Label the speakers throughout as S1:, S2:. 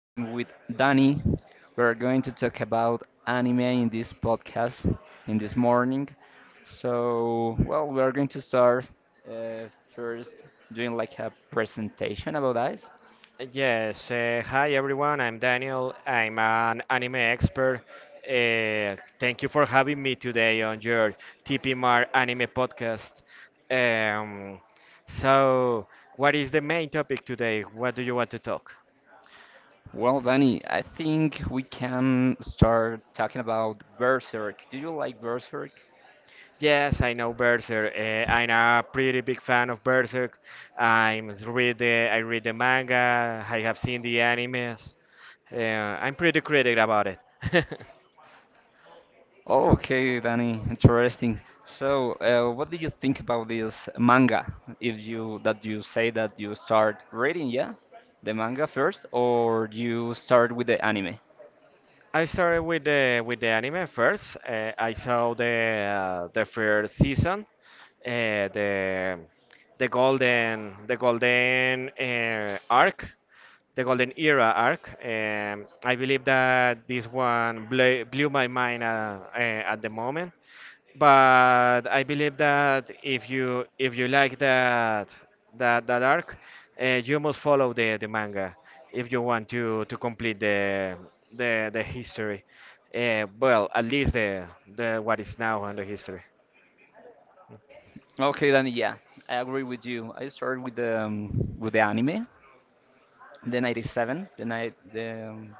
S1: I'm with Danny. We're going to talk about anime in this podcast in this morning. So, well, we are going to start uh, first doing like a presentation about that.
S2: Yes, hi everyone. I'm Daniel. I'm an anime expert. Thank you for having me today on your TPMR anime podcast. Um, so, what is the main topic today? What do you want to talk?
S1: Well, Danny, I think we can start talking about Berserk. Do you like Berserk?
S2: Yes, I know Berserk. I'm a pretty big fan of Berserk. I read the manga. I have seen the animes. Uh, I'm pretty critic about it.
S1: Okay, Danny, interesting. So, what do you think about this manga? If you that you say that you start reading, yeah, the manga first, or you start with the anime?
S2: I started with the anime first. I saw the first season, uh, the the golden the golden the golden era arc. I believe that this one blew my mind at the moment, but I believe that if you like that that arc, you must follow the manga if you want to complete the history. Well, at least the what is now on the history.
S1: Okay, Danny, yeah, I agree with you. I started with the anime, the '97, the night the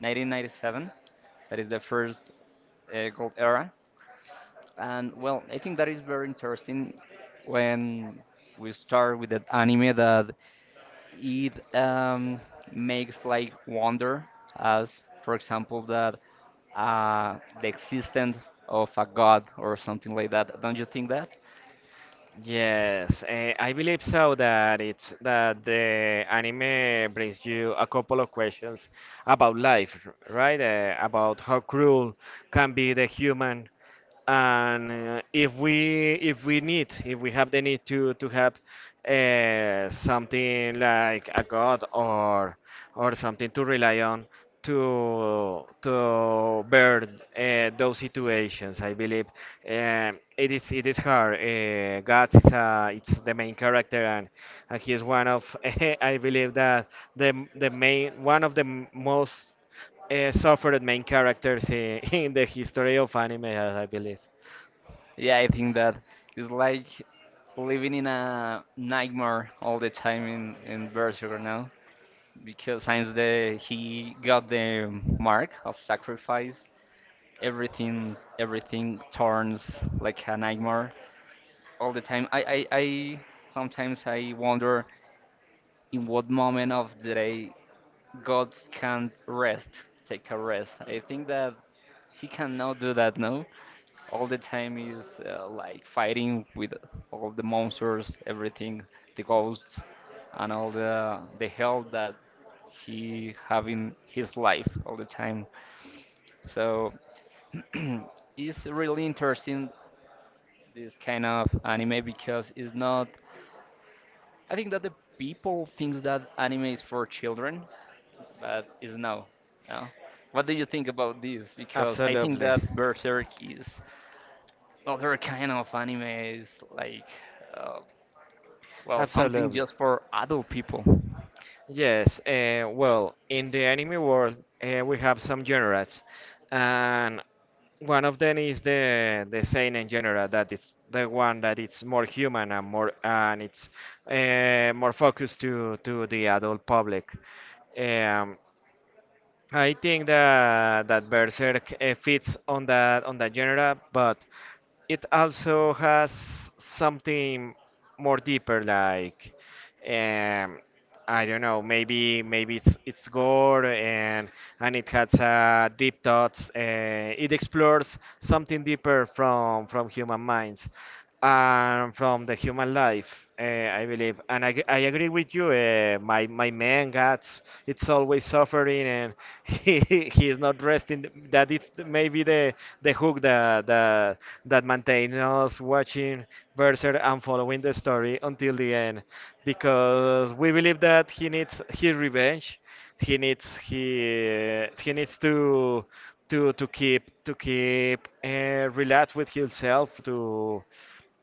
S1: 1997. That is the first gold era, and well, I think that is very interesting when we start with that anime that it makes like wonder, as for example that the existence of a god or something like that, don't you think that?
S2: Yes, I believe so, that it's that the anime brings you a couple of questions about life, right? About how cruel can be the human, and if we need, if we have the need to have something like a god, or something to rely on, to bear those situations. I believe it is hard. God is, it's the main character, and he is one of I believe that the main one of the most suffered main characters in, in the history of anime, as I believe.
S1: Yeah, I think that it's like living in a nightmare all the time, in berserker now, because since the he got the mark of sacrifice, everything turns like a nightmare all the time. I i, I sometimes i wonder in what moment of the day God can rest, take a rest. I think that He cannot do that, no? All the time is like fighting with all the monsters, everything, the ghosts, and all the hell that he have in his life all the time. So it's really interesting, this kind of anime, because it's not. I think that the people think that anime is for children, but it's no. No. What do you think about this? Because I think
S2: Absolutely.
S1: that Berserk is other kind of anime, is like, uh, well, something
S2: Absolutely.
S1: just for adult people.
S2: Yes, well, in the anime world, we have some genres, and one of them is the seinen genre, that is the one that it's more human and more, and it's more focused to the adult public. Um, I think that Berserk fits on that genre, but it also has something more deeper, like, um, I don't know, maybe it's gore, and it has deep thoughts. It explores something deeper from human minds and from the human life, I believe. And I agree with you. My man, Guts, it's always suffering, and he he is not resting. That it's maybe the hook that that maintains us watching Berserk and following the story until the end, because we believe that he needs his revenge, he needs to keep relax with himself, to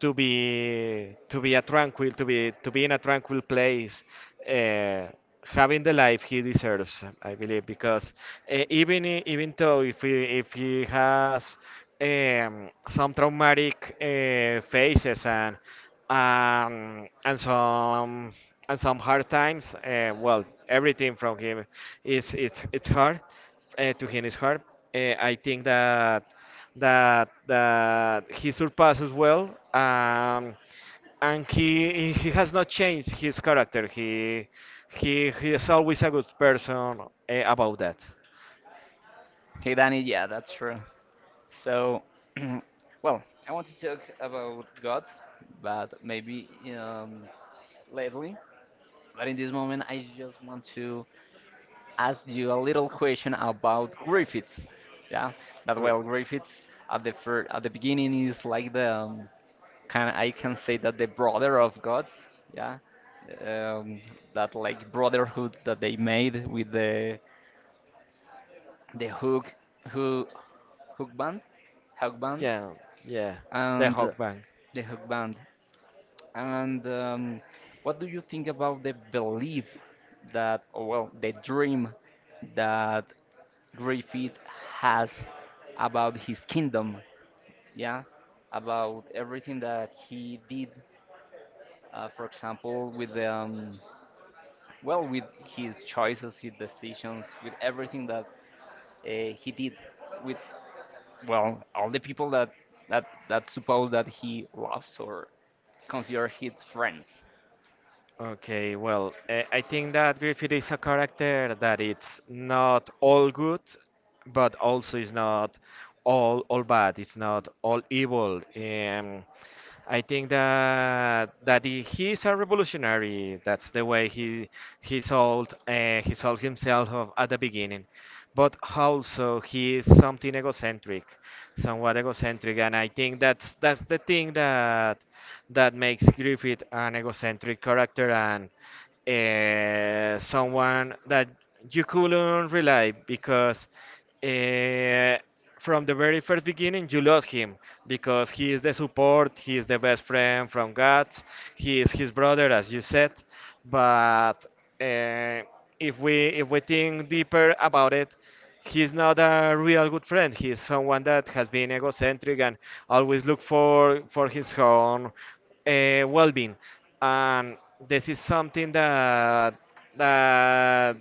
S2: be a tranquil to be in a tranquil place, uh, having the life he deserves. I believe, because even though, if he has some traumatic phases, and um, and some some hard times. Well, everything from him is it's hard. To him is hard. I think that he surpasses well, and he has not changed his character. He is always a good person about that.
S1: Okay, Danny, yeah, that's true. So, well, I want to talk about gods, but maybe um, lately. But in this moment, I just want to ask you a little question about Griffiths. Yeah, that,
S2: Gr-
S1: well, Griffiths at the beginning is like the can I can say that the brother of gods, yeah, um, that like brotherhood that they made with the who hook band, hook band,
S2: Yeah, yeah, the
S1: and
S2: Hawkman.
S1: the hook band. And what do you think about the belief that, or well, the dream that Griffith has about his kingdom, yeah, about everything that he did, for example, with the well, with his choices, his decisions, with everything that he did with, well, all the people that that suppose that he loves or consider his friends?
S2: Okay, well, I think that Griffith is a character that it's not all good, but also it's not all bad. It's not all evil. I think that he is a revolutionary. That's the way he sold, he sold himself at the beginning, but also he is something egocentric, somewhat egocentric, and I think that's the thing that makes Griffith an egocentric character, and someone that you couldn't rely, because uh, from the very first beginning you loved him, because he is the support, he is the best friend from God, he is his brother, as you said. But uh, if we think deeper about it, he's not a real good friend. He's someone that has been egocentric and always look for his own well-being. And this is something that that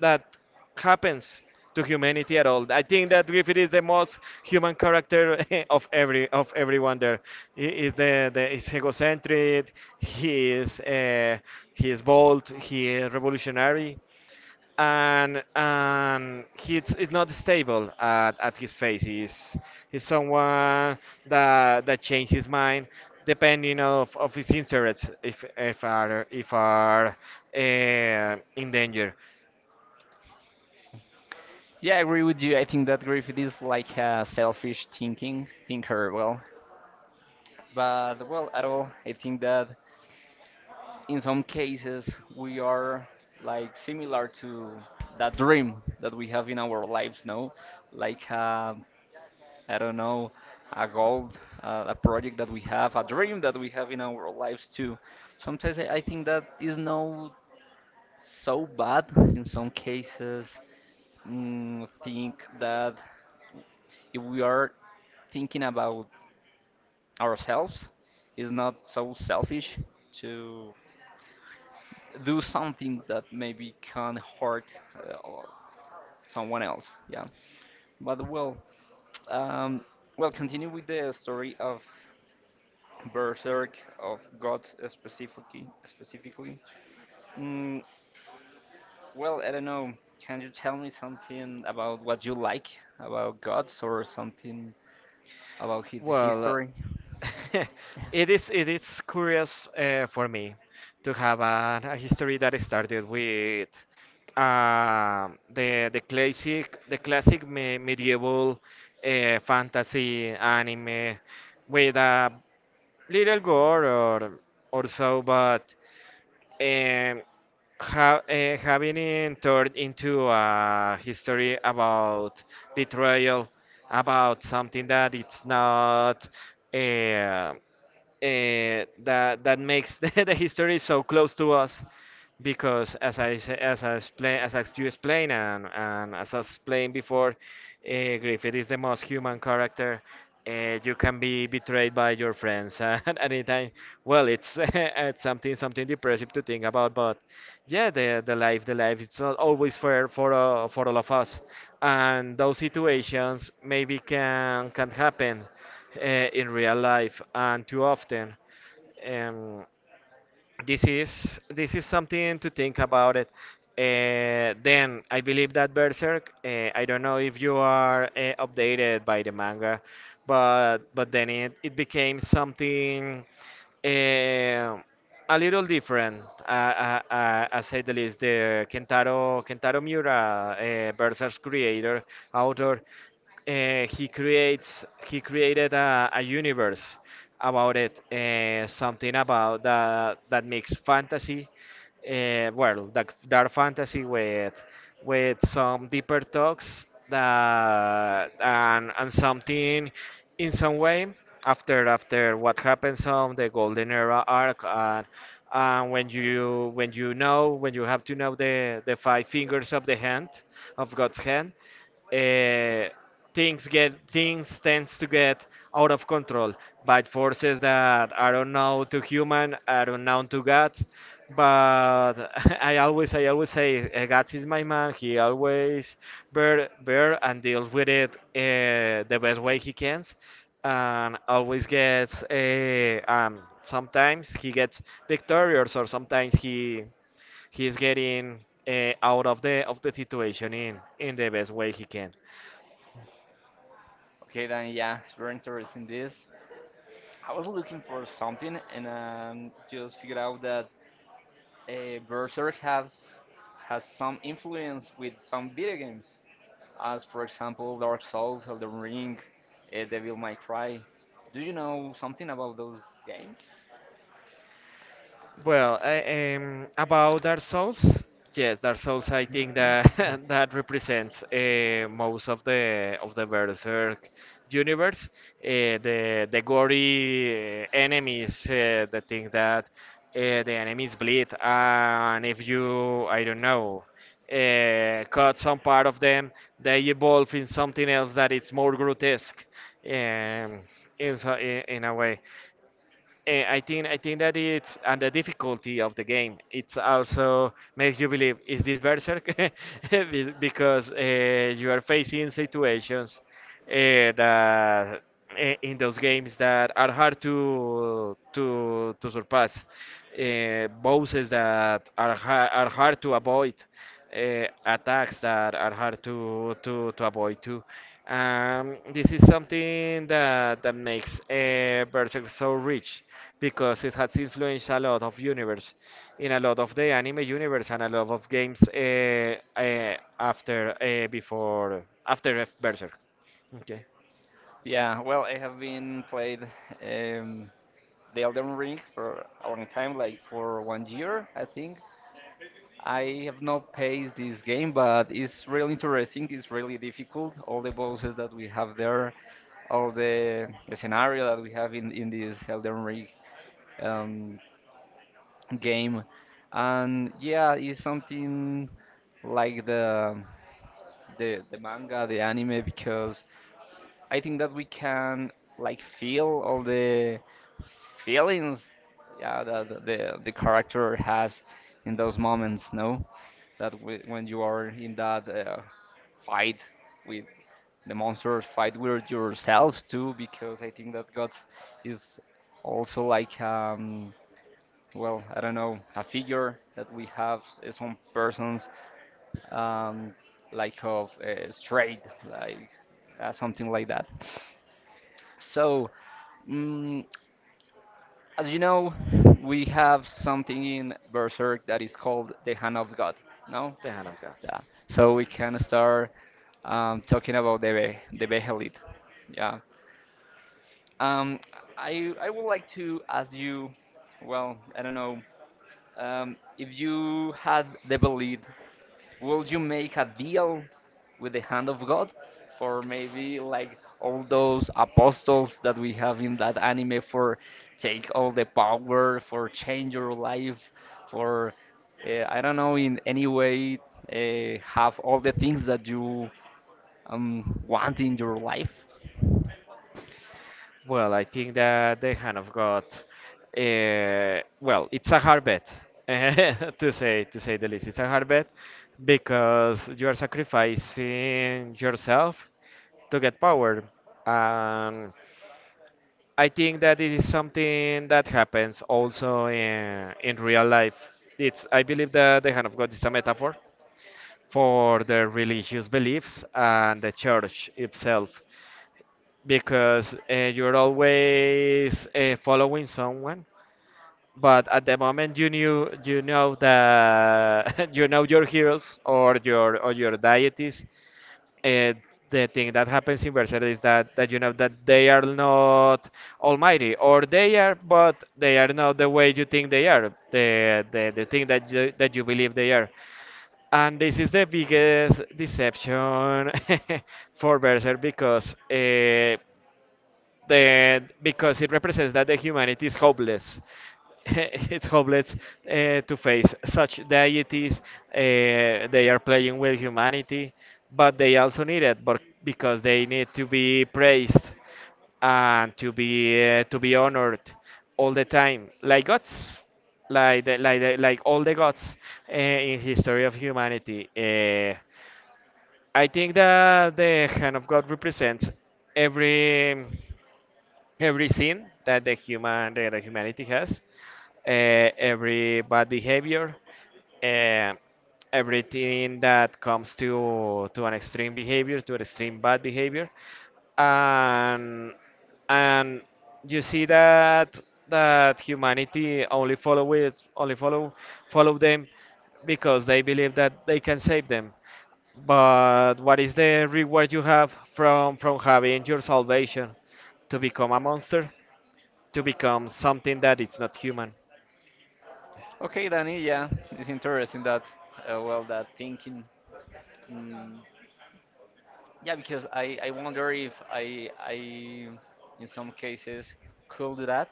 S2: that happens to humanity at all. I think that Griffith is the most human character of every of everyone there. He is the is egocentric. He is uh, he is bold. He is revolutionary, and he's is not stable at his face. He's someone that changes his mind depending of his interests, if are in danger.
S1: Yeah, I agree with you. I think that Griffith is like a selfish thinking thinker, well, but, well, at all, I think that in some cases we are like similar to that dream that we have in our lives, no, like a, I don't know, a goal, a project that we have, a dream that we have in our lives too. Sometimes I think that is not so bad in some cases. Think that if we are thinking about ourselves, it's not so selfish to do something that maybe can hurt, or someone else. Yeah, but, well, um, well, continue with the story of Berserk, of Gods specifically. Specifically, mm, well, I don't know. Can you tell me something about what you like about gods or something about his
S2: Well,
S1: history?
S2: it is curious for me to have an, a history that started with the classic me medieval fantasy anime with a little gore or so, but um, ha having it turned into a history about betrayal, about something that it's not. Uh, that makes the history so close to us, because as I explain, as you explain, and as I explained before, uh, Griffith is the most human character. You can be betrayed by your friends at any time. Well, it's it's something depressive to think about, but yeah, the life it's not always fair for all of us, and those situations maybe can happen uh, in real life, and too often. Um, this is something to think about it. Then I believe that Berserk. I don't know if you are updated by the manga, but then it became something uh, a little different. I say the least. The Kentaro Miura, Berserk's creator, author, he created a universe about it, something about that, that makes fantasy well, that dark fantasy with some deeper talks, that and something in some way, after what happens on the golden era arc, and when you know when you have to know the five fingers of the hand of God's hand, uh, things tends to get out of control by forces that are unknown to human, are unknown to God. But I always say, God is my man. He always bear and deals with it, the best way he can, and always gets sometimes he gets victorious, or sometimes he he's getting out of the situation in the best way he can.
S1: Okay, then yeah, it's very interesting. This, I was looking for something and just figured out that Berserk has some influence with some video games, as for example Dark Souls, Elden Ring, Devil May Cry. Do you know something about those games?
S2: Well, about Dark Souls, yes, Dark Souls. I think that that represents most of the Berserk universe. Uh, the gory enemies, the thing that the enemies bleed, and if you, I don't know, cut some part of them, they evolve in something else that is more grotesque, um, in so, in a way. I think that it's, and the difficulty of the game. It's also makes you believe is this Berserk, because you are facing situations uh, that in those games that are hard to surpass, bosses that are ha are hard to avoid, attacks that are hard to avoid too. This is something that, that makes Berserk so rich, because it has influenced a lot of universe, in a lot of the anime universe, and a lot of games, after before after Berserk. Okay,
S1: Yeah, well, I have been played um, the Elden Ring for a long time, like for one year, I think. I have not paced this game, but it's really interesting. It's really difficult. All the bosses that we have there, all the scenario that we have in this Elden Ring um, game, and yeah, it's something like the manga, the anime, because I think that we can like feel all the feelings, yeah, that the character has in those moments, no, that when you are in that fight with the monsters, fight with yourself too, because I think that God is also like, well, I don't know, a figure that we have, some persons, um like of straight, like something like that. So, mm, as you know, we have something in Berserk that is called the Hand of God. No?
S2: the Hand of God.
S1: Yeah. So we can start talking about the Behelit. Yeah. Um, I would like to ask you. Well, I don't know, if you had the belief, will you make a deal with the hand of God, for maybe like all those apostles that we have in that anime, for take all the power, for change your life, for I don't know, in any way have all the things that you want in your life?
S2: Well, I think that they kind of got, well, it's a hard bet to say, to say the least. It's a hard bet because you are sacrificing yourself to get power. And I think that it is something that happens also in real life. It's I believe that the hand of God is a metaphor for the religious beliefs and the church itself, because you're always following someone, but at the moment you knew you know that, you know your heroes, or your deities, and the thing that happens in Berserk is that you know that they are not almighty, or they are, but they are not the way you think they are, the the thing that you believe they are, and this is the biggest deception for Berserk, because then because it represents that the humanity is hopeless. It's hopeless to face such deities. They are playing with humanity, but they also need it, but because they need to be praised and to be honored all the time, like gods, like like all the gods in history of humanity. I think that the hand of God represents every every sin that the humanity has, every bad behavior, uh, everything that comes to an extreme behavior, to an extreme bad behavior, and and you see that humanity only follow it, only follow follow them because they believe that they can save them, but what is the reward you have from having your salvation? To become a monster? To become something that it's not human?
S1: Okay, Danny, yeah, it's interesting, that well, that thinking. Yeah, because I wonder if I in some cases could do that.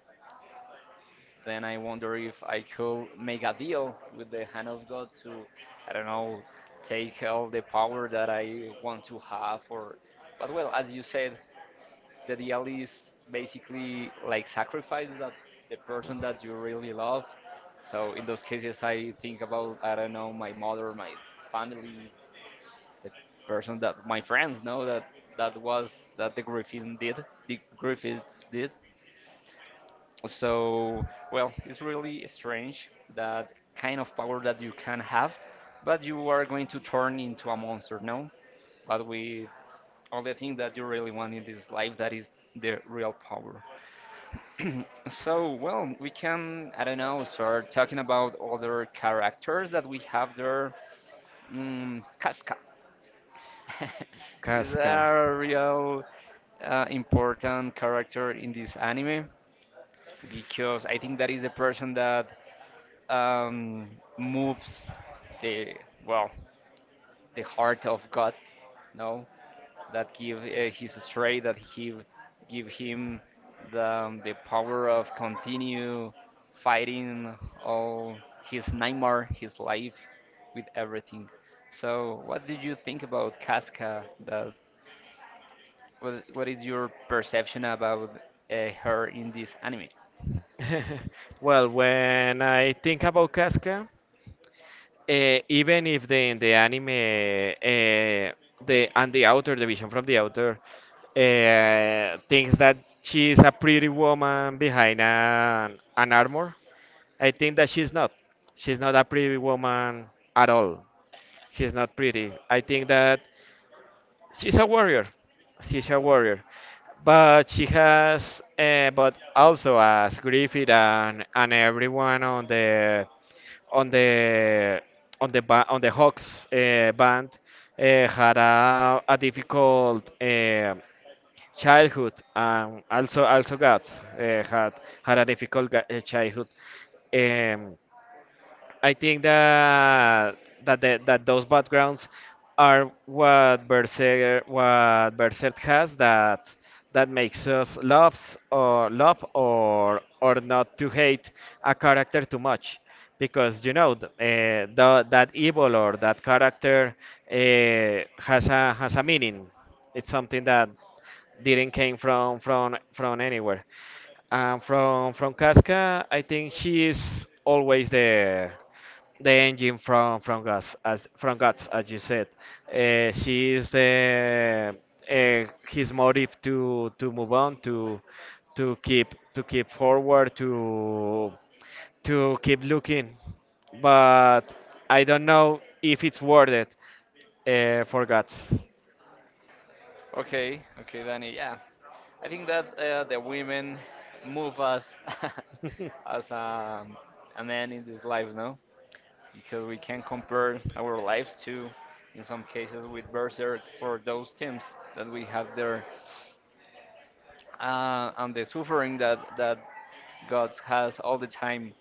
S1: Then I wonder if I could make a deal with the hand of God to, I don't know, take all the power that I want to have. Or, but well, as you said, the deal is basically like sacrifice that the person that you really love. So in those cases, I think about, I don't know, my mother, my family, the person that my friends know, that was, that the Griffin did, the Griffiths did. So, well, it's really strange that kind of power that you can have, but you are going to turn into a monster, no? But we only thing that you really want in this life that is the real power. So, well, we can, I don't know, start talking about other characters that we have there. Casca is
S2: Casca.
S1: a real important character in this anime, because I think that is the person that um, moves the well the heart of God, no, that give his strength, that he give him the power of continue fighting all his nightmare, his life, with everything. So, what did you think about Casca? That what is your perception about her in this anime?
S2: Well, when I think about Casca, even if the in the anime, the and the author, the vision from the author, thinks that she's a pretty woman behind an armor, I think that she's not. She's not a pretty woman at all. She's not pretty. I think that she's a warrior. She's a warrior. But she has, but also as Griffith and everyone on the on the on the Hawks band had a difficult childhood, and also Guts had a difficult childhood. Um, I think that that those backgrounds are what Berserk has that that makes us love or not to hate a character too much, because you know that evil or that character uh, has a meaning. It's something that didn't came from anywhere. And from Casca, I think she is always the engine from from Guts, as you said. She is the his motive to move on, to to keep forward, to keep looking. But I don't know if it's worth it, for Guts.
S1: Okay, okay, Danny. Yeah, I think that the women move us as a man in this life, no? Because we can compare our lives to, in some cases, with Berserk, for those teams that we have there, and the suffering that God has all the time.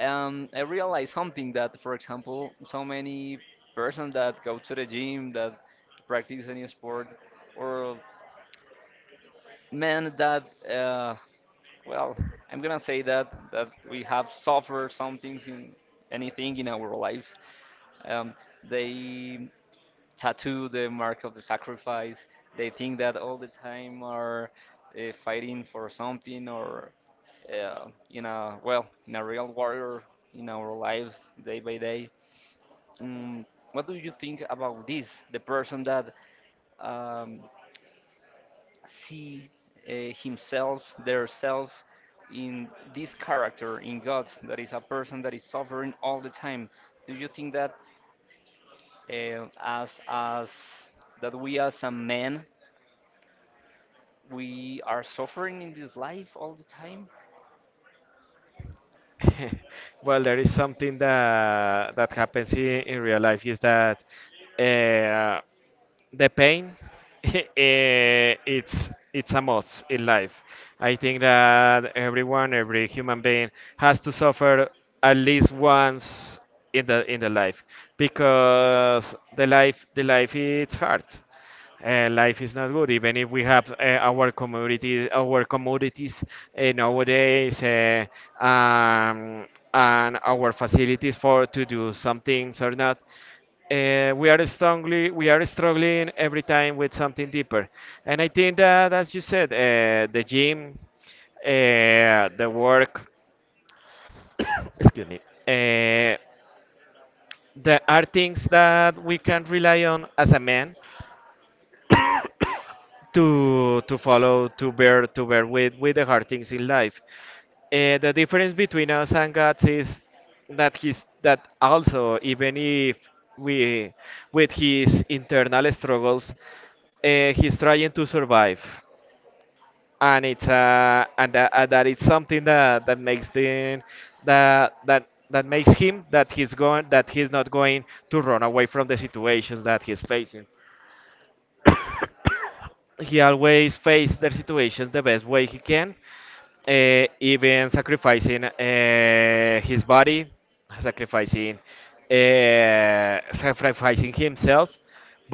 S1: I realized something that, for example, so many persons that go to the gym, that practice any sport, or men that well, I'm gonna say that we have suffered some things in anything in our lives. Um, they tattoo the mark of the sacrifice. They think that all the time are fighting for something or in a real warrior in our lives day by day. Mm, what do you think about this? The person that um, see himself, their self, in this character, in God, that is a person that is suffering all the time. Do you think that as that we as a man, we are suffering in this life all the time?
S2: Well, there is something that happens in real life, is that uh, the pain, it's a must in life. I think that everyone, every human being, has to suffer at least once in the life, because the life it's hard. Life is not good. Even if we have our commodities, nowadays, um, and our facilities for to do some things or not, we are struggling every time with something deeper. And I think that, as you said, the gym, the work, excuse me, uh, there are things that we can rely on as a man to follow to bear with the hard things in life. The difference between us and God is that also, even if we with his internal struggles, he's trying to survive, and it's that it's something that that makes the that that that makes him that he's not going to run away from the situations that he's facing. He always faced their situations the best way he can, even sacrificing his body, sacrificing, sacrificing himself,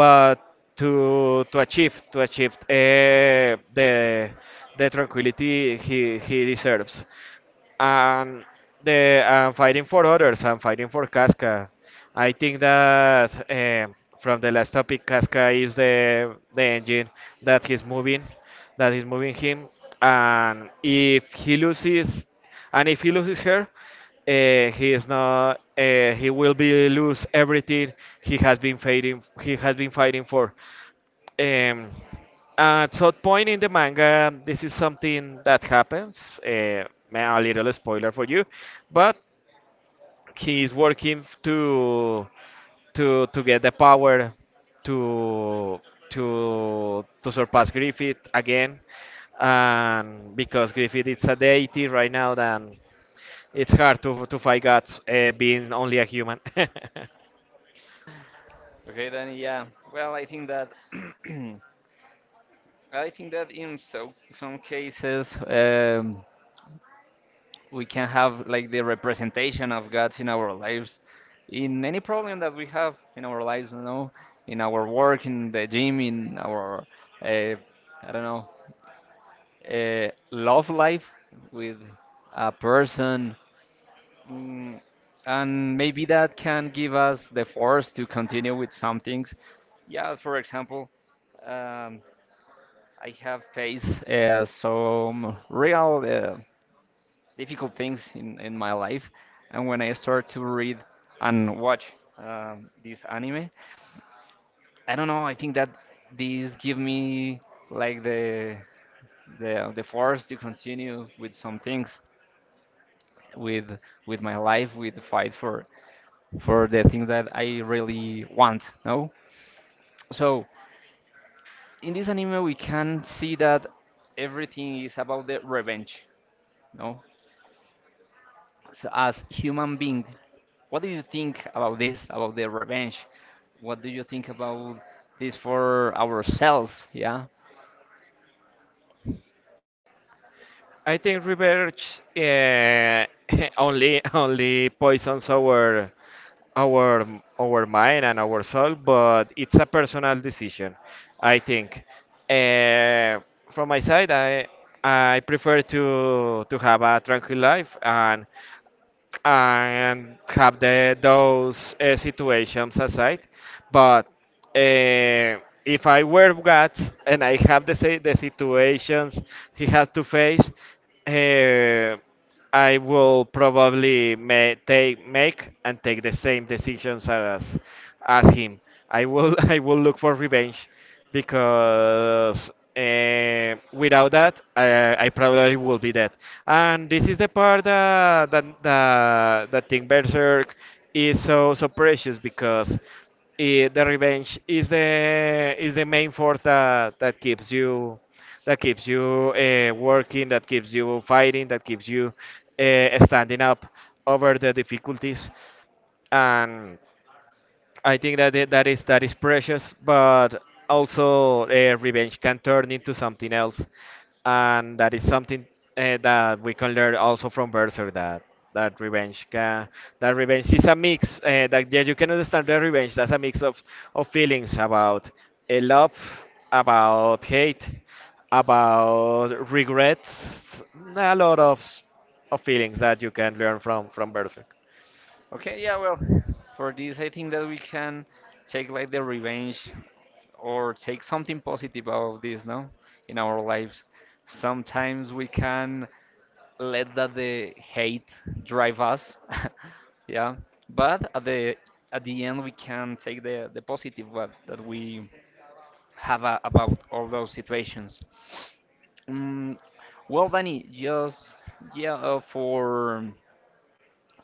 S2: but to achieve the tranquility he deserves, and the and fighting for others and fighting for Casca. I think that from the last topic, Casca is the engine that he's moving, that is moving him, and if he loses, her, he is not. He will be lose everything he has been fighting. He has been fighting for. Um, at some point in the manga, this is something that happens. A little spoiler for you, but he is working to get the power to surpass Griffith again, and because Griffith is a deity right now, then it's hard to fight gods, being only a human.
S1: Okay, then yeah. Well, I think that I think that in some cases. We can have like the representation of God in our lives, in any problem that we have in our lives, in our work, in the gym, in our, uh, I don't know, love life with a person. Mm, and maybe that can give us the force to continue with some things. Yeah, for example, um, I have faced some real difficult things in my life. And when I start to read and watch this anime, I don't know. I think that these give me like the force to continue with some things, with with my life, with the fight for the things that I really want. No, so in this anime we can see that everything is about the revenge. No, so as human being, what do you think about this, about the revenge? What do you think about this for ourselves? Yeah.
S2: I think revenge only poisons our our our mind and our soul, but it's a personal decision, I think. Uh, from my side, I prefer to have a tranquil life, and have the those situations aside. But if I were God, and I have the situations he has to face. Uh, I will probably ma- take make and take the same decisions as him. I will I will look for revenge, because without that, I probably will be dead. And this is the part that that that, that thing Berserk is so so precious, because it, the revenge is the main force that that keeps you working, that keeps you fighting, that keeps you standing up over the difficulties. And I think that that is precious, but also revenge can turn into something else, and that is something that we can learn also from Berserk, that that revenge can that revenge is a mix, that yeah, you can understand the revenge, that's a mix of feelings about love, about hate, about regrets, a lot of feelings that you can learn from Berserk.
S1: Okay, yeah, well, for this, I think that we can take like the revenge or take something positive out of this, no? In our lives. Sometimes we can let that the hate drive us. Yeah. But at the end we can take the positive what that we have a, about all those situations. Mm, well, Danny, just yeah, for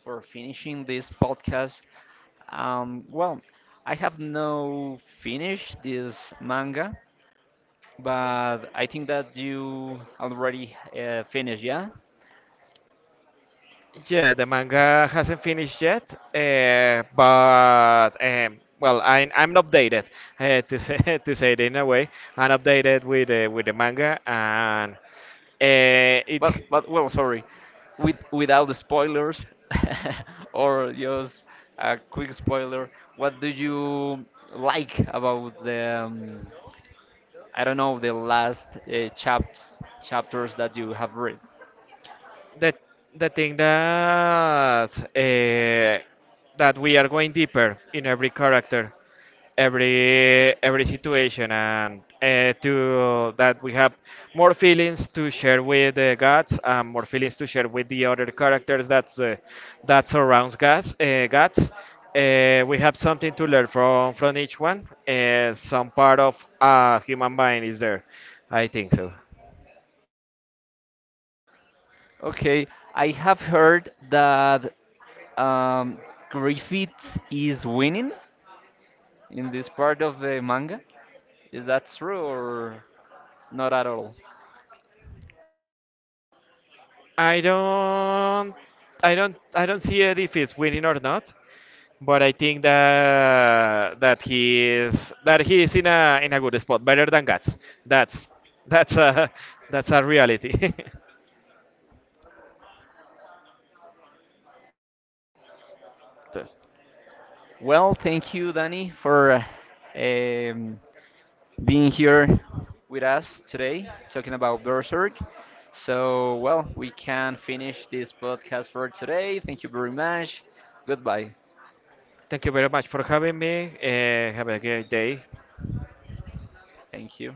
S1: for finishing this podcast. Well, I have no finished this manga, but I think that you already finished, yeah?
S2: Yeah, the manga hasn't finished yet, but well, I'm updated to say to say it in a way. I'm updated with the manga, and it
S1: But well, sorry, without the spoilers or just a quick spoiler. What do you like about the I don't know, the last chapters that you have read.
S2: the the thing that that we are going deeper in every character, every situation, and to that we have more feelings to share with the gods, and more feelings to share with the other characters that that surrounds gods. We have something to learn from each one. Some part of a human mind is there. I think so.
S1: Okay, I have heard that um, Griffith is winning in this part of the manga. Is that true or not at all?
S2: I don't, I don't see it if he's winning or not. But I think that he is in a good spot, better than Guts. That's that's a that's a reality. Entonces,
S1: Well, thank you, Danny, for uh, um, being here with us today, talking about Berserk. So, well, we can finish this podcast for today. Thank you very much. Goodbye.
S2: thank you very much for having me. Have a great day.
S1: Thank you.